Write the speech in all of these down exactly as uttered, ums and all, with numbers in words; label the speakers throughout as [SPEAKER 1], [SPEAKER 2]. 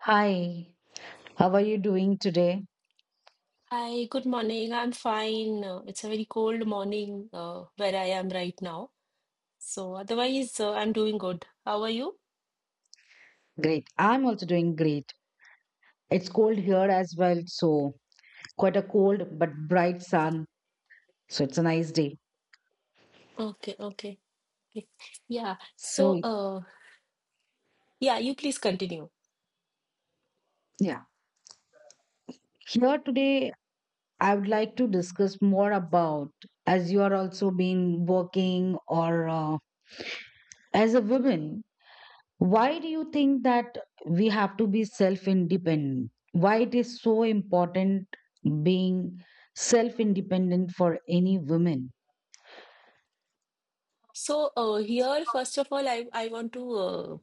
[SPEAKER 1] Hi, how are you doing today?
[SPEAKER 2] Hi, good morning. I'm fine. Uh, It's a very cold morning uh, where I am right now. So otherwise, uh, I'm doing good. How are you?
[SPEAKER 1] Great. I'm also doing great. It's cold here as well, so quite a cold but bright sun. So it's a nice day.
[SPEAKER 2] Okay, okay. Okay. Yeah. So,
[SPEAKER 1] So,
[SPEAKER 2] uh, yeah, you please continue.
[SPEAKER 1] yeah. Here today, I would like to discuss more about, as you are also been working, or uh, as a woman, why do you think that we have to be self-independent? Why it is so important being self-independent for any woman?
[SPEAKER 2] So uh, here, first of all, I, I want to uh,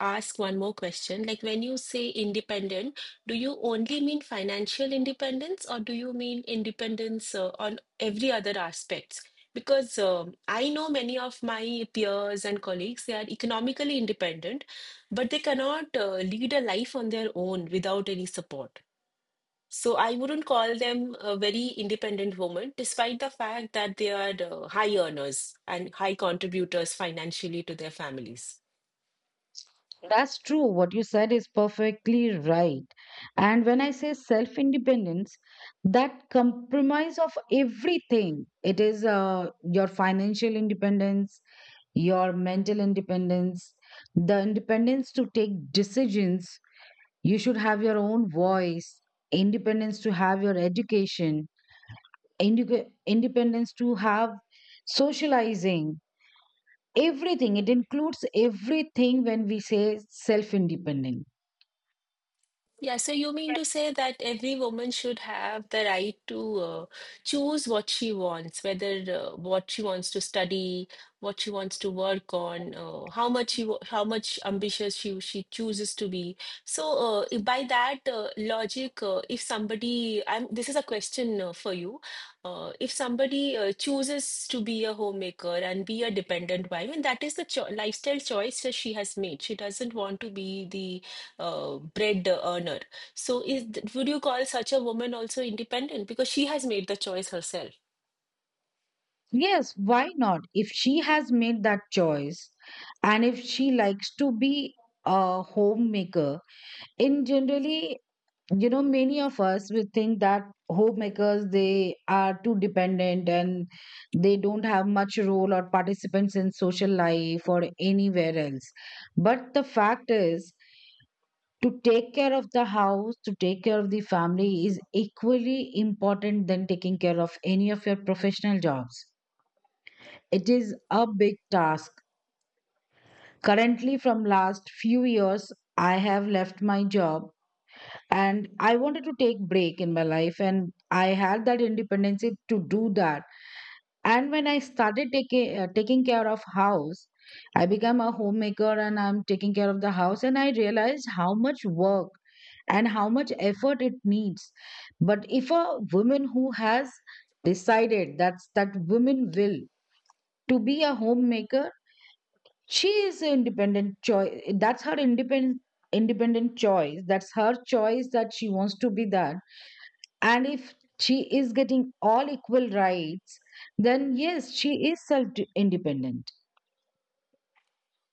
[SPEAKER 2] ask one more question. Like when you say independent, do you only mean financial independence or do you mean independence uh, on every other aspects? Because um I know many of my peers and colleagues, they are economically independent, but they cannot uh, lead a life on their own without any support. So I wouldn't call them a very independent woman, despite the fact that they are uh, high earners and high contributors financially to their families.
[SPEAKER 1] That's true. What you said is perfectly right. And when I say self independence, that compromise of everything, it is uh, your financial independence, your mental independence, the independence to take decisions. You should have your own voice, independence to have your education, indica- independence to have socializing, everything. It includes everything when we say self independence.
[SPEAKER 2] Yeah, so you mean to say that every woman should have the right to uh, choose what she wants, whether uh, what she wants to study, what she wants to work on, uh, how much she, wa- how much ambitious she she chooses to be. So uh, if by that uh, logic, uh, if somebody, I'm, this is a question uh, for you. Uh, if somebody uh, chooses to be a homemaker and be a dependent wife, and that is the cho lifestyle choice that she has made. She doesn't want to be the uh, bread earner. So, is th- would you call such a woman also independent because she has made the choice herself?
[SPEAKER 1] Yes, why not? If she has made that choice and if she likes to be a homemaker, in generally, you know, many of us we think that homemakers they are too dependent and they don't have much role or participants in social life or anywhere else. But the fact is, to take care of the house, to take care of the family is equally important than taking care of any of your professional jobs, it is a big task. Currently, from last few years, I have left my job and I wanted to take break in my life and I had that independence to do that. And when I started taking uh, taking care of house, I became a homemaker and I'm taking care of the house and I realized how much work and how much effort it needs. But if a woman who has decided, that's that woman will to be a homemaker, she is an independent choice, that's her independent independent choice, that's her choice that she wants to be that, and if she is getting all equal rights, then yes, she is self independent.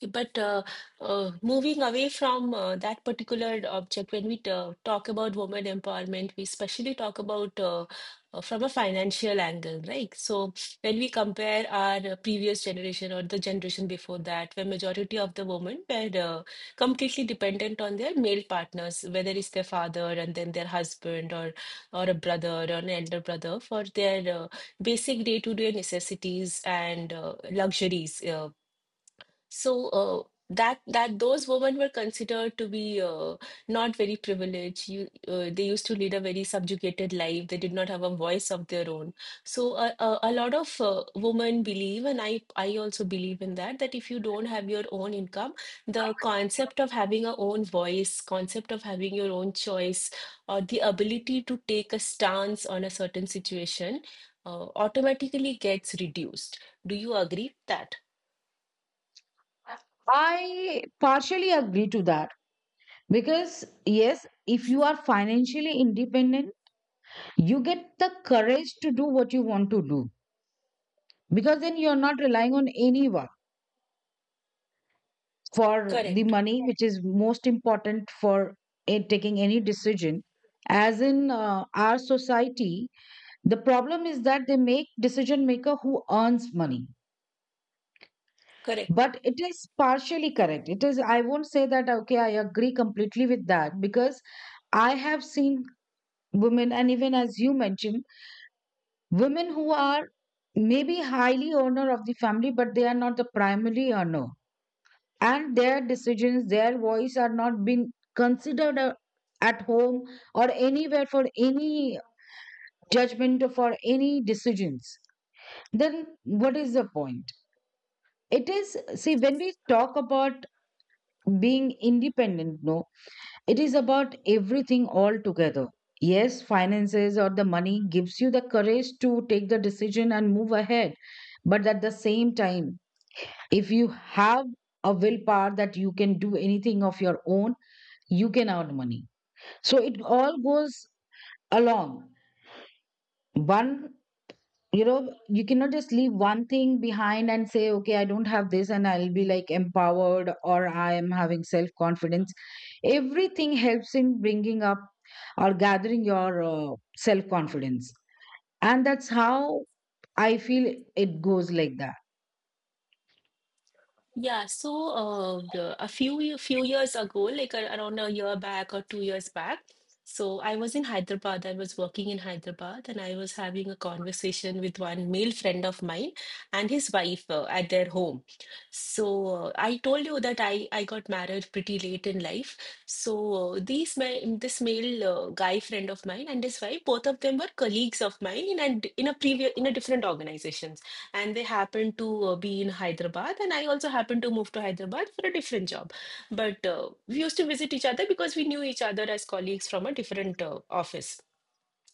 [SPEAKER 2] But uh, uh, moving away from uh, that particular object, when we ta- talk about women empowerment, we especially talk about uh, uh, from a financial angle, right? So when we compare our uh, previous generation or the generation before that, where majority of the women were uh, completely dependent on their male partners, whether it's their father and then their husband or or a brother or an elder brother for their uh, basic day-to-day necessities and uh, luxuries. uh, so uh, that that those women were considered to be uh, not very privileged. You, uh, they used to lead a very subjugated life. They did not have a voice of their own. So uh, uh, a lot of uh, women believe, and I I also believe in that, that if you don't have your own income, the concept of having a own voice, concept of having your own choice, or the ability to take a stance on a certain situation, uh, automatically gets reduced. Do you agree with that?
[SPEAKER 1] I partially agree to that because yes, if you are financially independent, you get the courage to do what you want to do because then you're not relying on anyone for the
[SPEAKER 2] Correct.
[SPEAKER 1] money, which is most important for a- taking any decision, as in uh, our society the problem is that they make decision maker who earns money.
[SPEAKER 2] Correct.
[SPEAKER 1] But it is partially correct, it is, I won't say that okay I agree completely with that, because I have seen women, and even as you mentioned, women who are maybe highly owner of the family but they are not the primary earner, and their decisions, their voice are not being considered a- at home or anywhere for any judgment or for any decisions. Then what is the point? It is, see, when we talk about being independent, no, it is about everything all together. Yes, finances or the money gives you the courage to take the decision and move ahead. But at the same time, if you have a willpower that you can do anything of your own, you can earn money, so it all goes along one. You know you cannot just leave one thing behind and say okay I don't have this and I'll be like empowered or I am having self confidence. Everything helps in bringing up or gathering your uh, self confidence, and that's how I feel it goes like that.
[SPEAKER 2] Yeah, so uh, the- a few ye- few years ago, like a- around a year back or two years back, so I was in Hyderabad. I was working in Hyderabad, and I was having a conversation with one male friend of mine and his wife uh, at their home. So uh, I told you that I I got married pretty late in life. So uh, these ma- this male uh, guy friend of mine and his wife, both of them were colleagues of mine in a, d- in a previous in a different organization, and they happened to uh, be in Hyderabad, and I also happened to move to Hyderabad for a different job. But uh, we used to visit each other because we knew each other as colleagues from a different uh, office.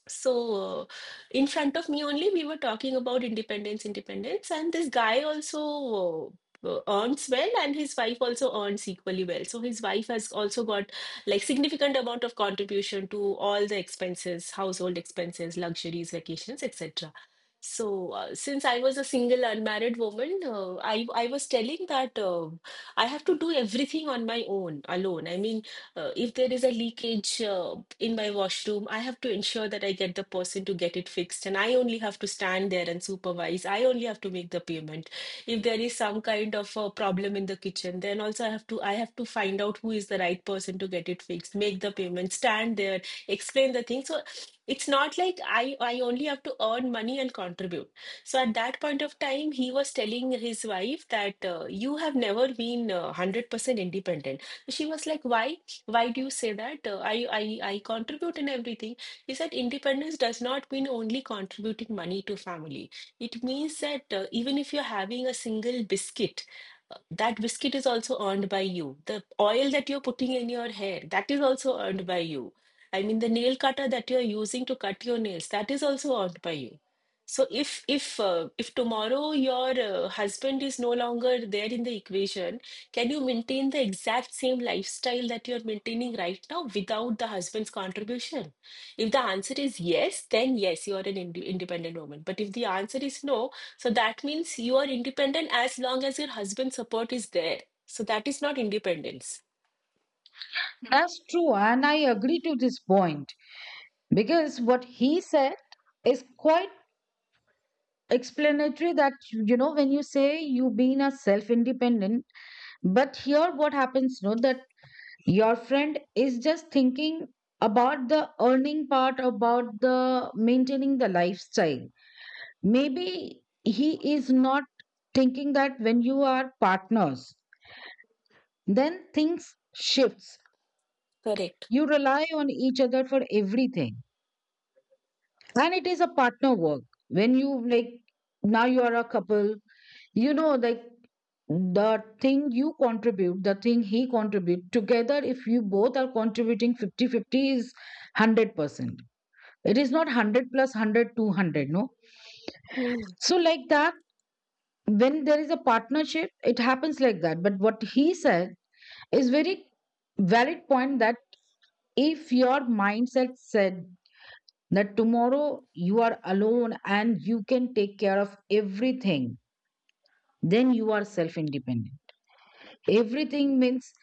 [SPEAKER 2] So, in front of me only, we were talking about independence, independence, and this guy also uh, earns well, and his wife also earns equally well. So his wife has also got like significant amount of contribution to all the expenses, household expenses, luxuries, vacations, et cetera. So uh, since I was a single unmarried woman, uh, I I was telling that uh, I have to do everything on my own, alone. I mean, uh, if there is a leakage uh, in my washroom, I have to ensure that I get the person to get it fixed, and I only have to stand there and supervise. I only have to make the payment. If there is some kind of a problem in the kitchen, then also I have to I have to find out who is the right person to get it fixed, make the payment, stand there, explain the thing. So it's not like I I only have to earn money and contribute. So at that point of time, he was telling his wife that uh, you have never been uh, one hundred percent independent. So, she was like, why? Why do you say that? Uh, I, I, I contribute in everything. Is that independence does not mean only contributing money to family. It means that uh, even if you're having a single biscuit, uh, that biscuit is also earned by you. The oil that you're putting in your hair, that is also earned by you. I mean, the nail cutter that you're using to cut your nails, that is also earned by you. So if if uh, if tomorrow your uh, husband is no longer there in the equation, can you maintain the exact same lifestyle that you're maintaining right now without the husband's contribution? If the answer is yes, then yes, you are an ind independent woman. But if the answer is no, so that means you are independent as long as your husband's support is there. So that is not independence.
[SPEAKER 1] That's true, and I agree to this point because what he said is quite explanatory, that you know when you say you being a self independent, but here what happens, you know that your friend is just thinking about the earning part, about the maintaining the lifestyle. Maybe he is not thinking that when you are partners, then things shifts.
[SPEAKER 2] Correct.
[SPEAKER 1] You rely on each other for everything and it is a partner work. When you, like, now you are a couple, you know like the thing you contribute, the thing he contribute together, if you both are contributing fifty fifty, is one hundred percent, it is not one hundred plus one hundred two hundred. No,
[SPEAKER 2] Mm-hmm.
[SPEAKER 1] so like that when there is a partnership it happens like that. But what he said is very valid point that if your mindset said that tomorrow you are alone and you can take care of everything, then you are self independent. Everything means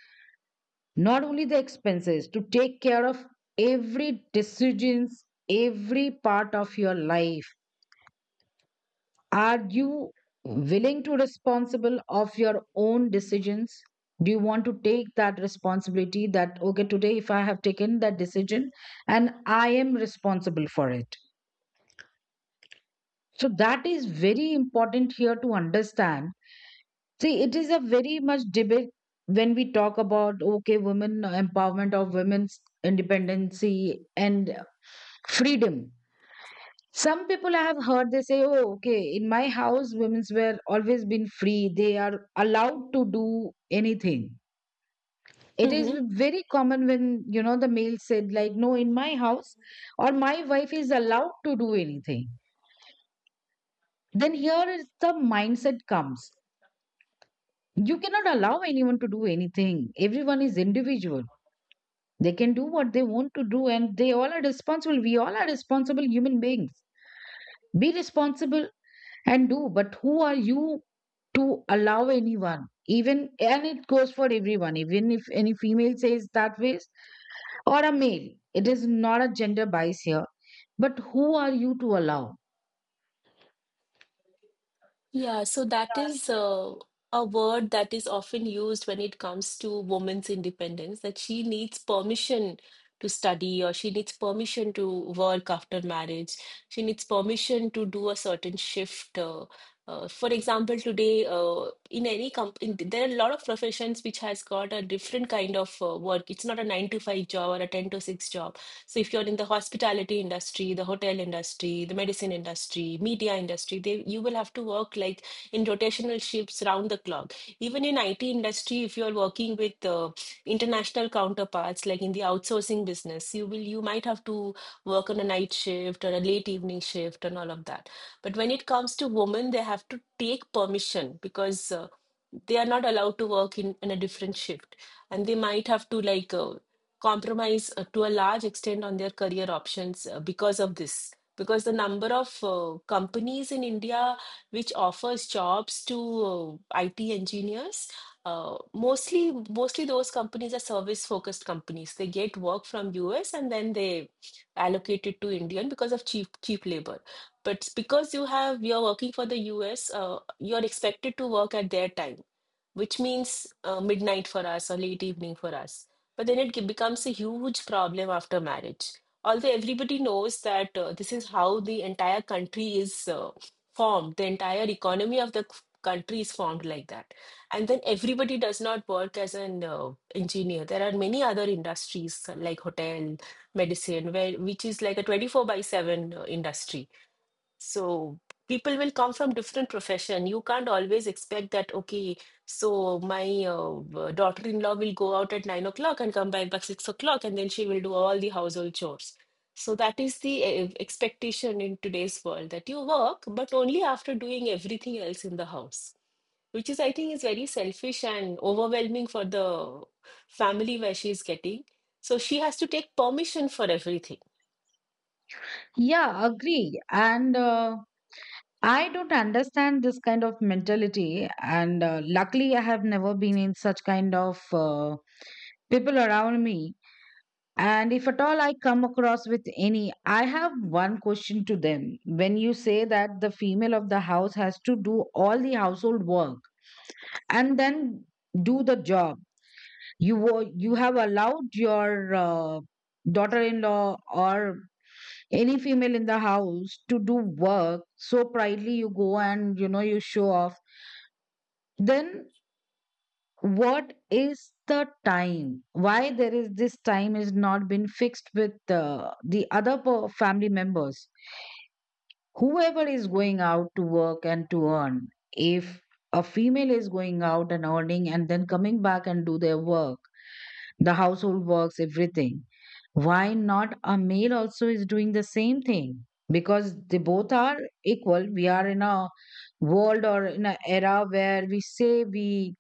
[SPEAKER 1] not only the expenses to take care of, every decisions, every part of your life, are you willing to responsible of your own decisions? Do you want to take that responsibility that okay, today if I have taken that decision and I am responsible for it? So that is very important here to understand. See, it is a very much debate when we talk about okay, women empowerment, of women's independency and freedom. Some people I have heard they say, "Oh, okay, in my house, women's were always been free. They are allowed to do anything." It is very common when you know the male said like, "No, in my house," or "my wife is allowed to do anything." Then here is the mindset comes. You cannot allow anyone to do anything. Everyone is individual. They can do what they want to do, and they all are responsible. We all are responsible human beings. Be responsible and do, but who are you to allow anyone? Even, and it goes for everyone, even if any female says that ways, or a male. It is not a gender bias here, but who are you to allow?
[SPEAKER 2] Yeah, so that is uh, a word that is often used when it comes to women's independence, that she needs permission to study or she needs permission to work after marriage. She needs permission to do a certain shift. Uh, uh, for example, today uh, in any company, there are a lot of professions which has got a different kind of uh, work. It's not a nine to five job or a ten to six job. So if you're in the hospitality industry, the hotel industry, the medicine industry, media industry, they you will have to work like in rotational shifts round the clock. Even in I T industry, if you're working with uh, international counterparts, like in the outsourcing business, you will you might have to work on a night shift or a late evening shift and all of that. But when it comes to women, they have to take permission because uh, they are not allowed to work in, in a different shift, and they might have to like uh, compromise uh, to a large extent on their career options uh, because of this, because the number of uh, companies in India which offers jobs to uh, IT engineers, uh, mostly mostly those companies are service focused companies. They get work from US, and then they allocate it to Indian because of cheap cheap labor. But because you have you're working for the US, uh, you're expected to work at their time, which means uh, midnight for us or late evening for us. But then it ge- becomes a huge problem after marriage. Although everybody knows that uh, this is how the entire country is uh, formed, the entire economy of the c- country is formed like that. And then everybody does not work as an uh, engineer. There are many other industries uh, like hotel, medicine, where which is like a twenty-four by seven uh, industry. So people will come from different profession. You can't always expect that, okay, so my uh, uh, daughter-in-law will go out at nine o'clock and come back by six o'clock, and then she will do all the household chores. So that is the uh, expectation in today's world that you work, but only after doing everything else in the house, which is, I think, is very selfish and overwhelming for the family where she is getting. So she has to take permission for everything.
[SPEAKER 1] Yeah, agree. And uh, I don't understand this kind of mentality, and uh, luckily, I have never been in such kind of uh, people around me. And if at all I come across with any, I have one question to them. When you say that the female of the house has to do all the household work and then do the job, you wo- you have allowed your uh, daughter-in-law or any female in the house to do work, so proudly you go and you know you show off, then what is the time, why there is this time is not been fixed with uh, the other per- family members whoever is going out to work and to earn? If a female is going out and earning and then coming back and do their work, the household works, everything, why not a male also is doing the same thing? Because they both are equal, we are in a world or in an era where we say we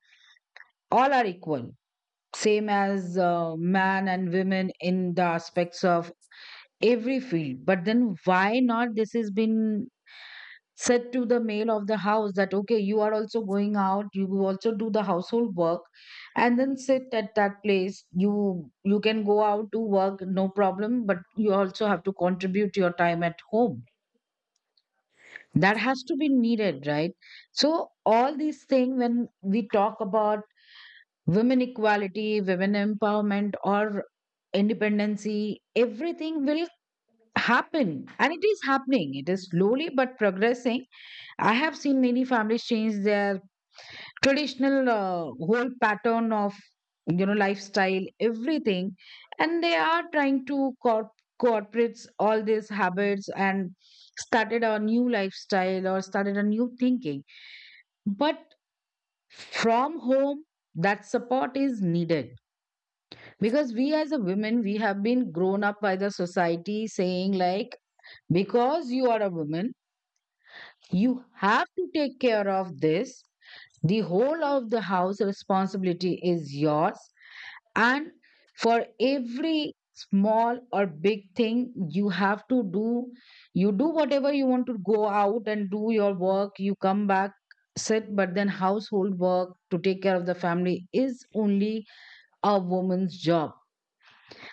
[SPEAKER 1] all are equal, same as uh, man and women in the aspects of every field, but then why not this has been said to the male of the house that okay, you are also going out, you also do the household work, and then sit at that place. You you can go out to work, no problem, but you also have to contribute your time at home, that has to be needed, right? So all these things, when we talk about women equality, women empowerment, or independency, everything will happen. And it is happening. It is slowly but progressing. I have seen many families change their traditional uh, whole pattern of, you know lifestyle, everything, and they are trying to corp- corporates all these habits and started a new lifestyle or started a new thinking. But from home, that support is needed because we as a women, we have been grown up by the society saying like, because you are a woman, you have to take care of this, the whole of the house responsibility is yours, and for every small or big thing, you have to do. You do whatever you want, to go out and do your work, you come back, sit, but then household work to take care of the family is only a woman's job,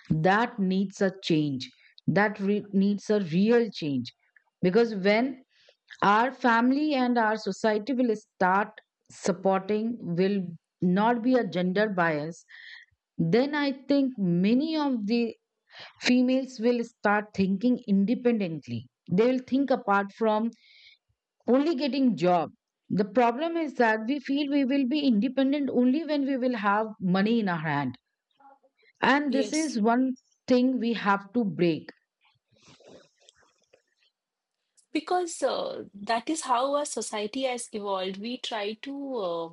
[SPEAKER 1] that needs a change, that re- needs a real change. Because when our family and our society will start supporting, will not be a gender bias, then I think many of the females will start thinking independently. They will think apart from only getting job. The problem is that we feel we will be independent only when we will have money in our hand, and this
[SPEAKER 2] Yes.
[SPEAKER 1] is one thing we have to break.
[SPEAKER 2] Because uh, that is how our society has evolved. We try to uh,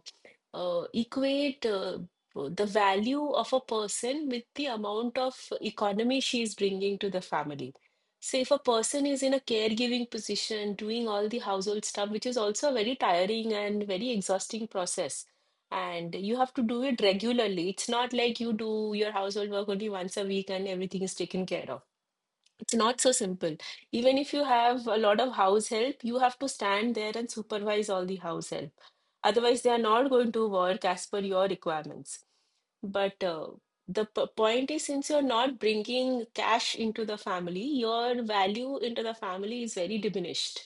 [SPEAKER 2] uh, equate uh, the value of a person with the amount of economy she is bringing to the family. So, if a person is in a caregiving position, doing all the household stuff, which is also a very tiring and very exhausting process, and you have to do it regularly. It's not like you do your household work only once a week and everything is taken care of. It's not so simple. Even if you have a lot of house help, you have to stand there and supervise all the house help. Otherwise, they are not going to work as per your requirements. But uh, the p point is, since you're not bringing cash into the family, your value into the family is very diminished.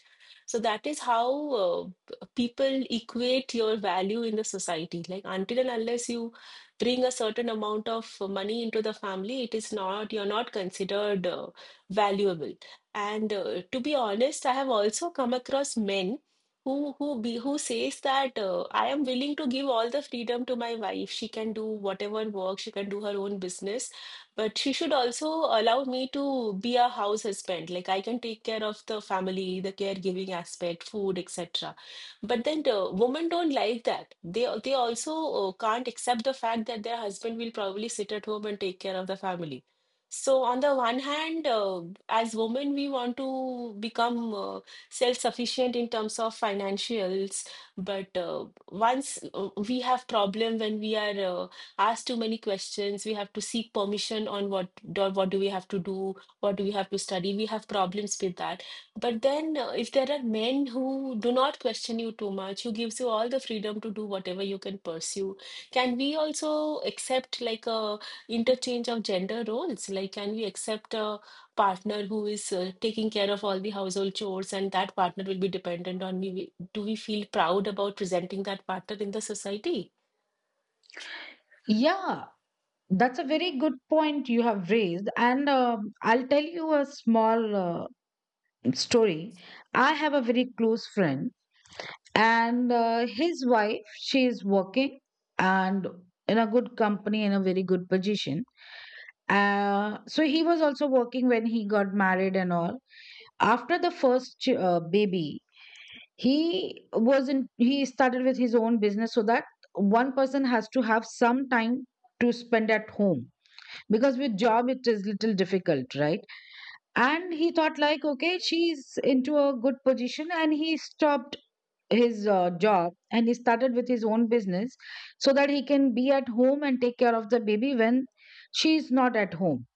[SPEAKER 2] So that is how uh, p- people equate your value in the society. Like until and unless you bring a certain amount of money into the family, it is not, you're not considered. uh, valuable. And uh, to be honest, I have also come across men who who be who says that uh, I am willing to give all the freedom to my wife. She can do whatever work, she can do her own business, but she should also allow me to be a house husband. Like, I can take care of the family, the caregiving aspect, food, et cetera. But then the women don't like that. They they also uh, can't accept the fact that their husband will probably sit at home and take care of the family. So on the one hand, uh, as women, we want to become uh, self-sufficient in terms of financials, but uh, once uh, we have problem when we are uh, asked too many questions, we have to seek permission on what do, what do we have to do, what do we have to study. We have problems with that. But then, uh, if there are men who do not question you too much, who gives you all the freedom to do whatever you can pursue, can we also accept like a interchange of gender roles? Like, can we accept a partner who is uh, taking care of all the household chores and that partner will be dependent on me? We- Do we feel proud about presenting that partner in the society?
[SPEAKER 1] Yeah, that's a very good point you have raised. And um, I'll tell you a small uh, story. I have a very close friend, and uh, his wife, she is working and in a good company, in a very good position. Uh, so he was also working when he got married and all. After the first ch- uh, baby, he was in, he started with his own business so that one person has to have some time to spend at home because with job it is little difficult, right. And he thought like, okay, she's into a good position, and he stopped his uh, job and he started with his own business so that he can be at home and take care of the baby when she's not at home.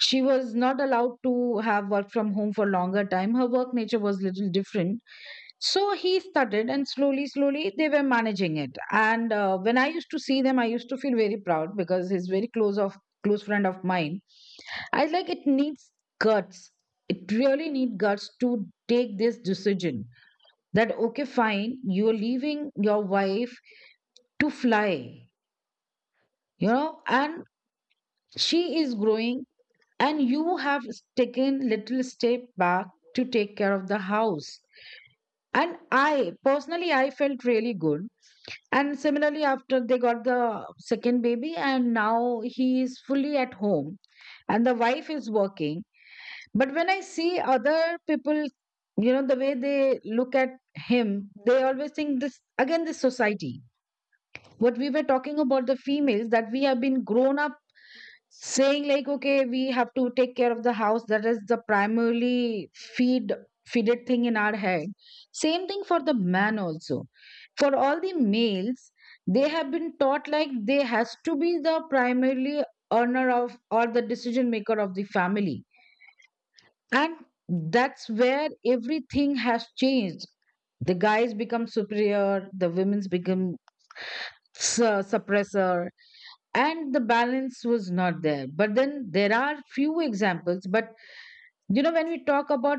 [SPEAKER 1] She was not allowed to have work from home for longer time. Her work nature was little different. So he started and slowly slowly they were managing it. And uh, when I used to see them, I used to feel very proud because he's very close of close friend of mine. I like, it needs guts. It really needs guts to take this decision that, okay, fine, you're leaving your wife to fly, you know, and she is growing, and you have taken little step back to take care of the house. And I personally, I felt really good. And similarly, after they got the second baby, and now he is fully at home, and the wife is working. But when I see other people, you know, the way they look at him, they always think this again, this society. What we were talking about the females, that we have been grown up saying, like, okay, we have to take care of the house. That is the primarily feed feeded thing in our head. Same thing for the man also. For all the males, they have been taught like they has to be the primarily earner of, or the decision maker of the family, and that's where everything has changed. The guys become superior, the women's become su- suppressor, and the balance was not there. But then there are few examples. But you know, when we talk about,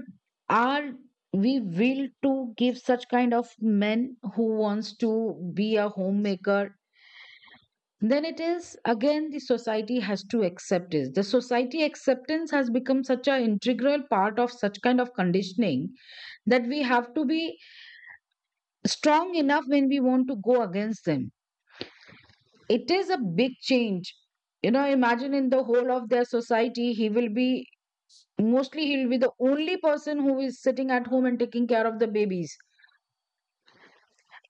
[SPEAKER 1] are we will to give such kind of men who wants to be a homemaker, then it is again the society has to accept it. The society acceptance has become such an integral part of such kind of conditioning that we have to be strong enough when we want to go against them. It is a big change. You know, imagine in the whole of their society, he will be mostly, he'll be the only person who is sitting at home and taking care of the babies.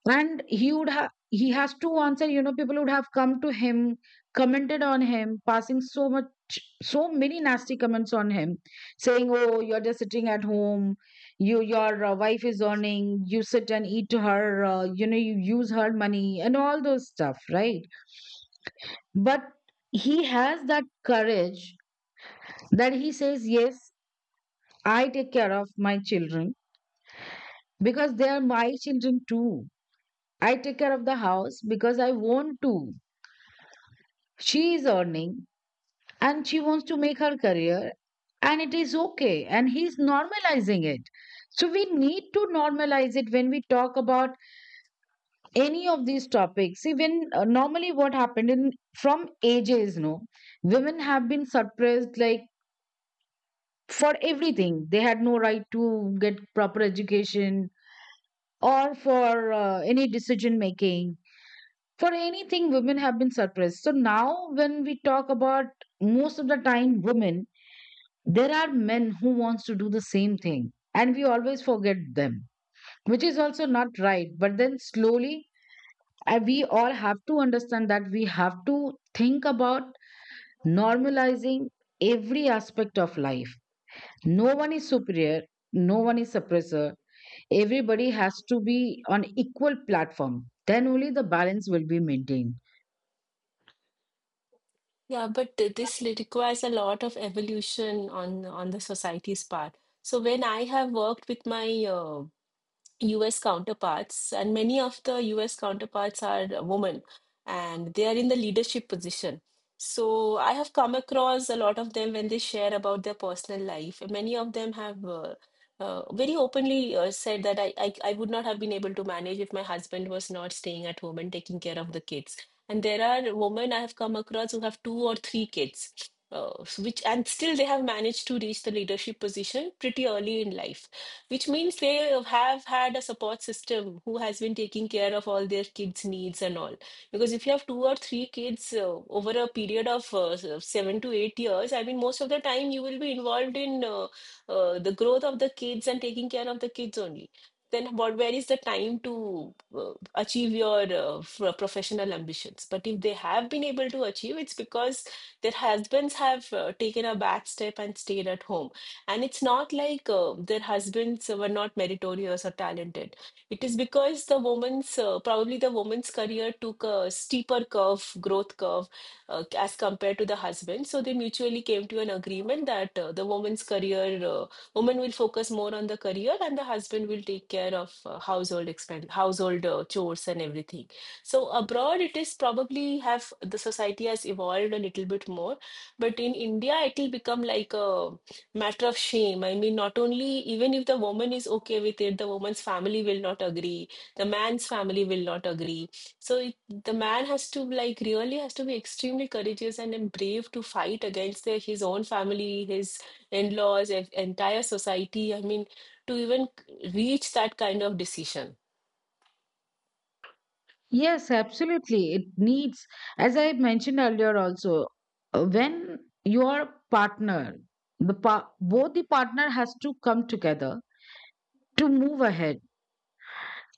[SPEAKER 1] And he would have, he has to answer, you know, people would have come to him, commented on him, passing so much, so many nasty comments on him, saying, oh, you're just sitting at home, you, your uh, wife is earning, you sit and eat to her, uh, you know you use her money and all those stuff, right. But he has that courage, that he says, yes, I take care of my children because they are my children too. I take care of the house because I want to. She is earning and she wants to make her career, and it is okay. And he's normalizing it. So we need to normalize it when we talk about any of these topics. See, when uh, normally what happened in from ages, no, women have been suppressed like for everything. They had no right to get proper education or for uh, any decision making. For anything, women have been suppressed. So now, when we talk about most of the time women, there are men who wants to do the same thing and we always forget them, which is also not right. But then slowly uh, we all have to understand that we have to think about normalizing every aspect of life. No one is superior, no one is suppressor. Everybody has to be on equal platform. Then only the balance will be maintained.
[SPEAKER 2] Yeah, but th- this li- requires a lot of evolution on on the society's part. So when I have worked with my uh, U S counterparts, and many of the U S counterparts are women and they are in the leadership position. So I have come across a lot of them when they share about their personal life. Many of them have uh, uh, very openly uh, said that I, I, I would not have been able to manage if my husband was not staying at home and taking care of the kids. And there are women I have come across who have two or three kids, uh, which and still they have managed to reach the leadership position pretty early in life, which means they have had a support system who has been taking care of all their kids' needs and all. Because if you have two or three kids uh, over a period of uh, uh, seven to eight years, I mean, most of the time you will be involved in uh, uh, the growth of the kids and taking care of the kids only. Then what, where is the time to uh, achieve your uh, f- professional ambitions? But if they have been able to achieve, it's because their husbands have uh, taken a back step and stayed at home, and it's not like uh, their husbands were not meritorious or talented. It is because the woman's, uh, probably the woman's career took a steeper curve, growth curve, uh, as compared to the husband. So they mutually came to an agreement that uh, the woman's career, uh, woman will focus more on the career and the husband will take care of uh, household expense, household uh, chores and everything. So abroad, it is probably have the society has evolved a little bit more, but in India, it will become like a matter of shame. I mean, not only, even if the woman is okay with it, the woman's family will not agree. The man's family will not agree. So it, the man has to, like, really has to be extremely courageous and then brave to fight against their, his own family, his in-laws, en- entire society. I mean, to even reach that kind of decision.
[SPEAKER 1] Yes, absolutely. It needs, as I mentioned earlier also, uh, when your partner, the pa- both the partner has to come together to move ahead,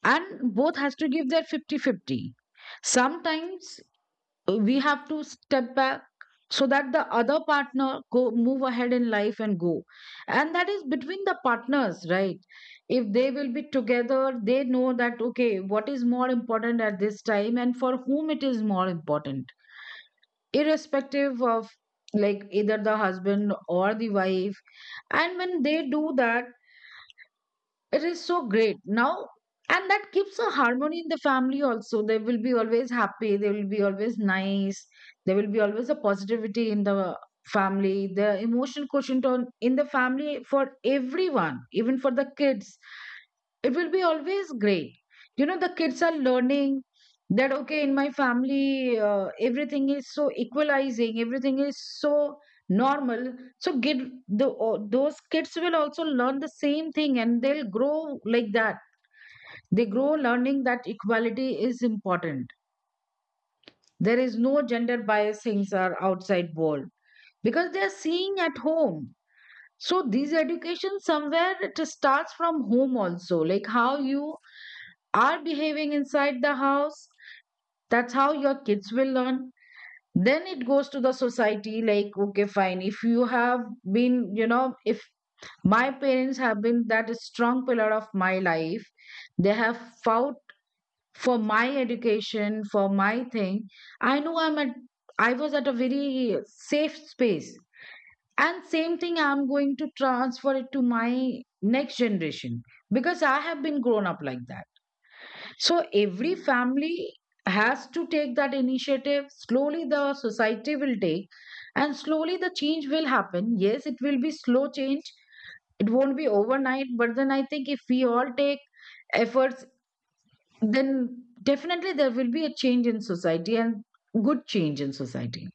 [SPEAKER 1] and both has to give their fifty-fifty. Sometimes uh, we have to step back so that the other partner go move ahead in life and go, and that is between the partners, right. If they will be together, they know that, okay, what is more important at this time and for whom it is more important, irrespective of like either the husband or the wife. And when they do that, it is so great. Now, and that keeps a harmony in the family also. They will be always happy. They will be always nice. There will be always a positivity in the family. The emotion quotient on in the family for everyone, even for the kids, it will be always great. You know, the kids are learning that, okay, in my family, uh, everything is so equalizing, everything is so normal, so get, the o- those kids will also learn the same thing and they'll grow like that. They grow learning that equality is important, there is no gender bias things are outside world, because they are seeing at home. So these education somewhere it starts from home also, like how you are behaving inside the house. That's how your kids will learn. Then it goes to the society like, okay, fine. If you have been, you know, if my parents have been that strong pillar of my life, they have fought for my education, for my thing. I know I'm at, I was at a very safe space. And same thing, I'm going to transfer it to my next generation because I have been grown up like that. So every family has to take that initiative. Slowly, the society will take, and slowly, the change will happen. Yes, it will be slow change. It won't be overnight. But then I think if we all take efforts, then definitely there will be a change in society, and good change in society.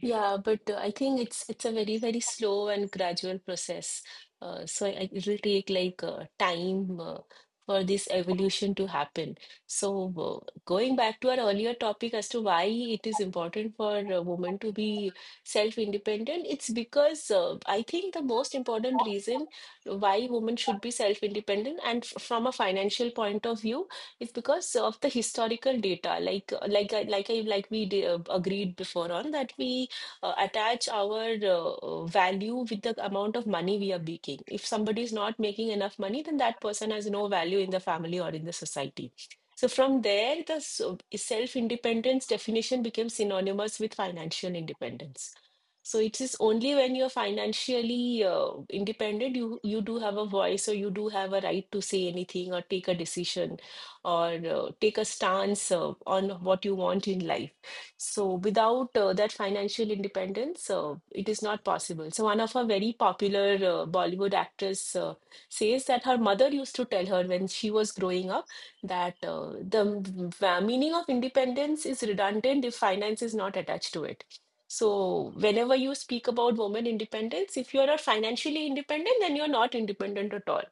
[SPEAKER 2] Yeah, but uh, I think it's it's a very very slow and gradual process. Uh, so I, I- it'll take like uh, time uh, for this evolution to happen. So uh, going back to our earlier topic as to why it is important for a woman to be self-independent, it's because uh, I think the most important reason why women should be self-independent and f from a financial point of view is because of the historical data. Like like I- like I like we d- agreed before on that we uh, attach our uh, value with the amount of money we are making. If somebody is not making enough money, then that person has no value in the family or in the society. So from there, the so- self-independence definition became synonymous with financial independence. So it is only when you're financially uh, independent, you you do have a voice or you do have a right to say anything or take a decision or uh, take a stance uh, on what you want in life. So without uh, that financial independence, uh, it is not possible. So one of our very popular uh, Bollywood actress uh, says that her mother used to tell her when she was growing up that uh, the v- meaning of independence is redundant if finance is not attached to it. So whenever you speak about woman independence, if you are not financially independent, then you're not independent at all.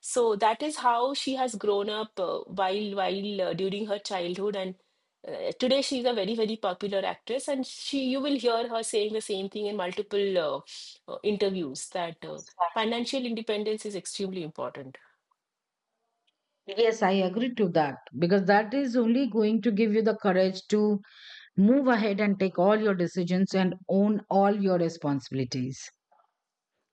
[SPEAKER 2] So that is how she has grown up uh, while while uh, during her childhood, and uh, today she's a very very popular actress, and she you will hear her saying the same thing in multiple uh, uh, interviews that uh, financial independence is extremely important.
[SPEAKER 1] Yes, I agree to that because that is only going to give you the courage to move ahead and take all your decisions and own all your responsibilities.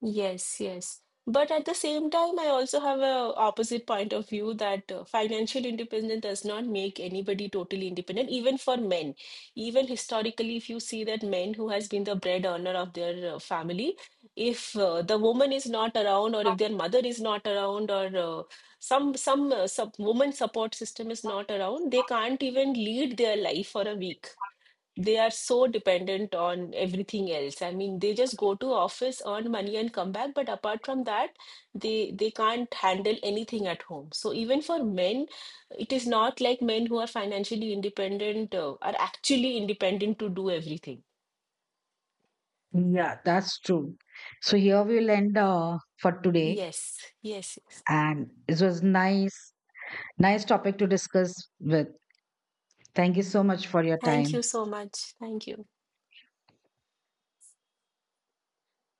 [SPEAKER 2] Yes, yes. But at the same time, I also have a opposite point of view that uh, financial independence does not make anybody totally independent, even for men. Even historically, if you see that men who has been the bread earner of their uh, family, if uh, the woman is not around, or if their mother is not around, or uh, some some uh, sub woman support system is not around, they can't even lead their life for a week. They are so dependent on everything else. I mean, they just go to office, earn money, and come back. But apart from that, they they can't handle anything at home. So even for men, it is not like men who are financially independent uh, are actually independent to do everything.
[SPEAKER 1] Yeah, that's true. So here we'll end uh, for today.
[SPEAKER 2] Yes, yes, yes.
[SPEAKER 1] And it was nice, nice topic to discuss with. Thank you so much for your
[SPEAKER 2] Thank you
[SPEAKER 1] time.
[SPEAKER 2] so much. Thank you.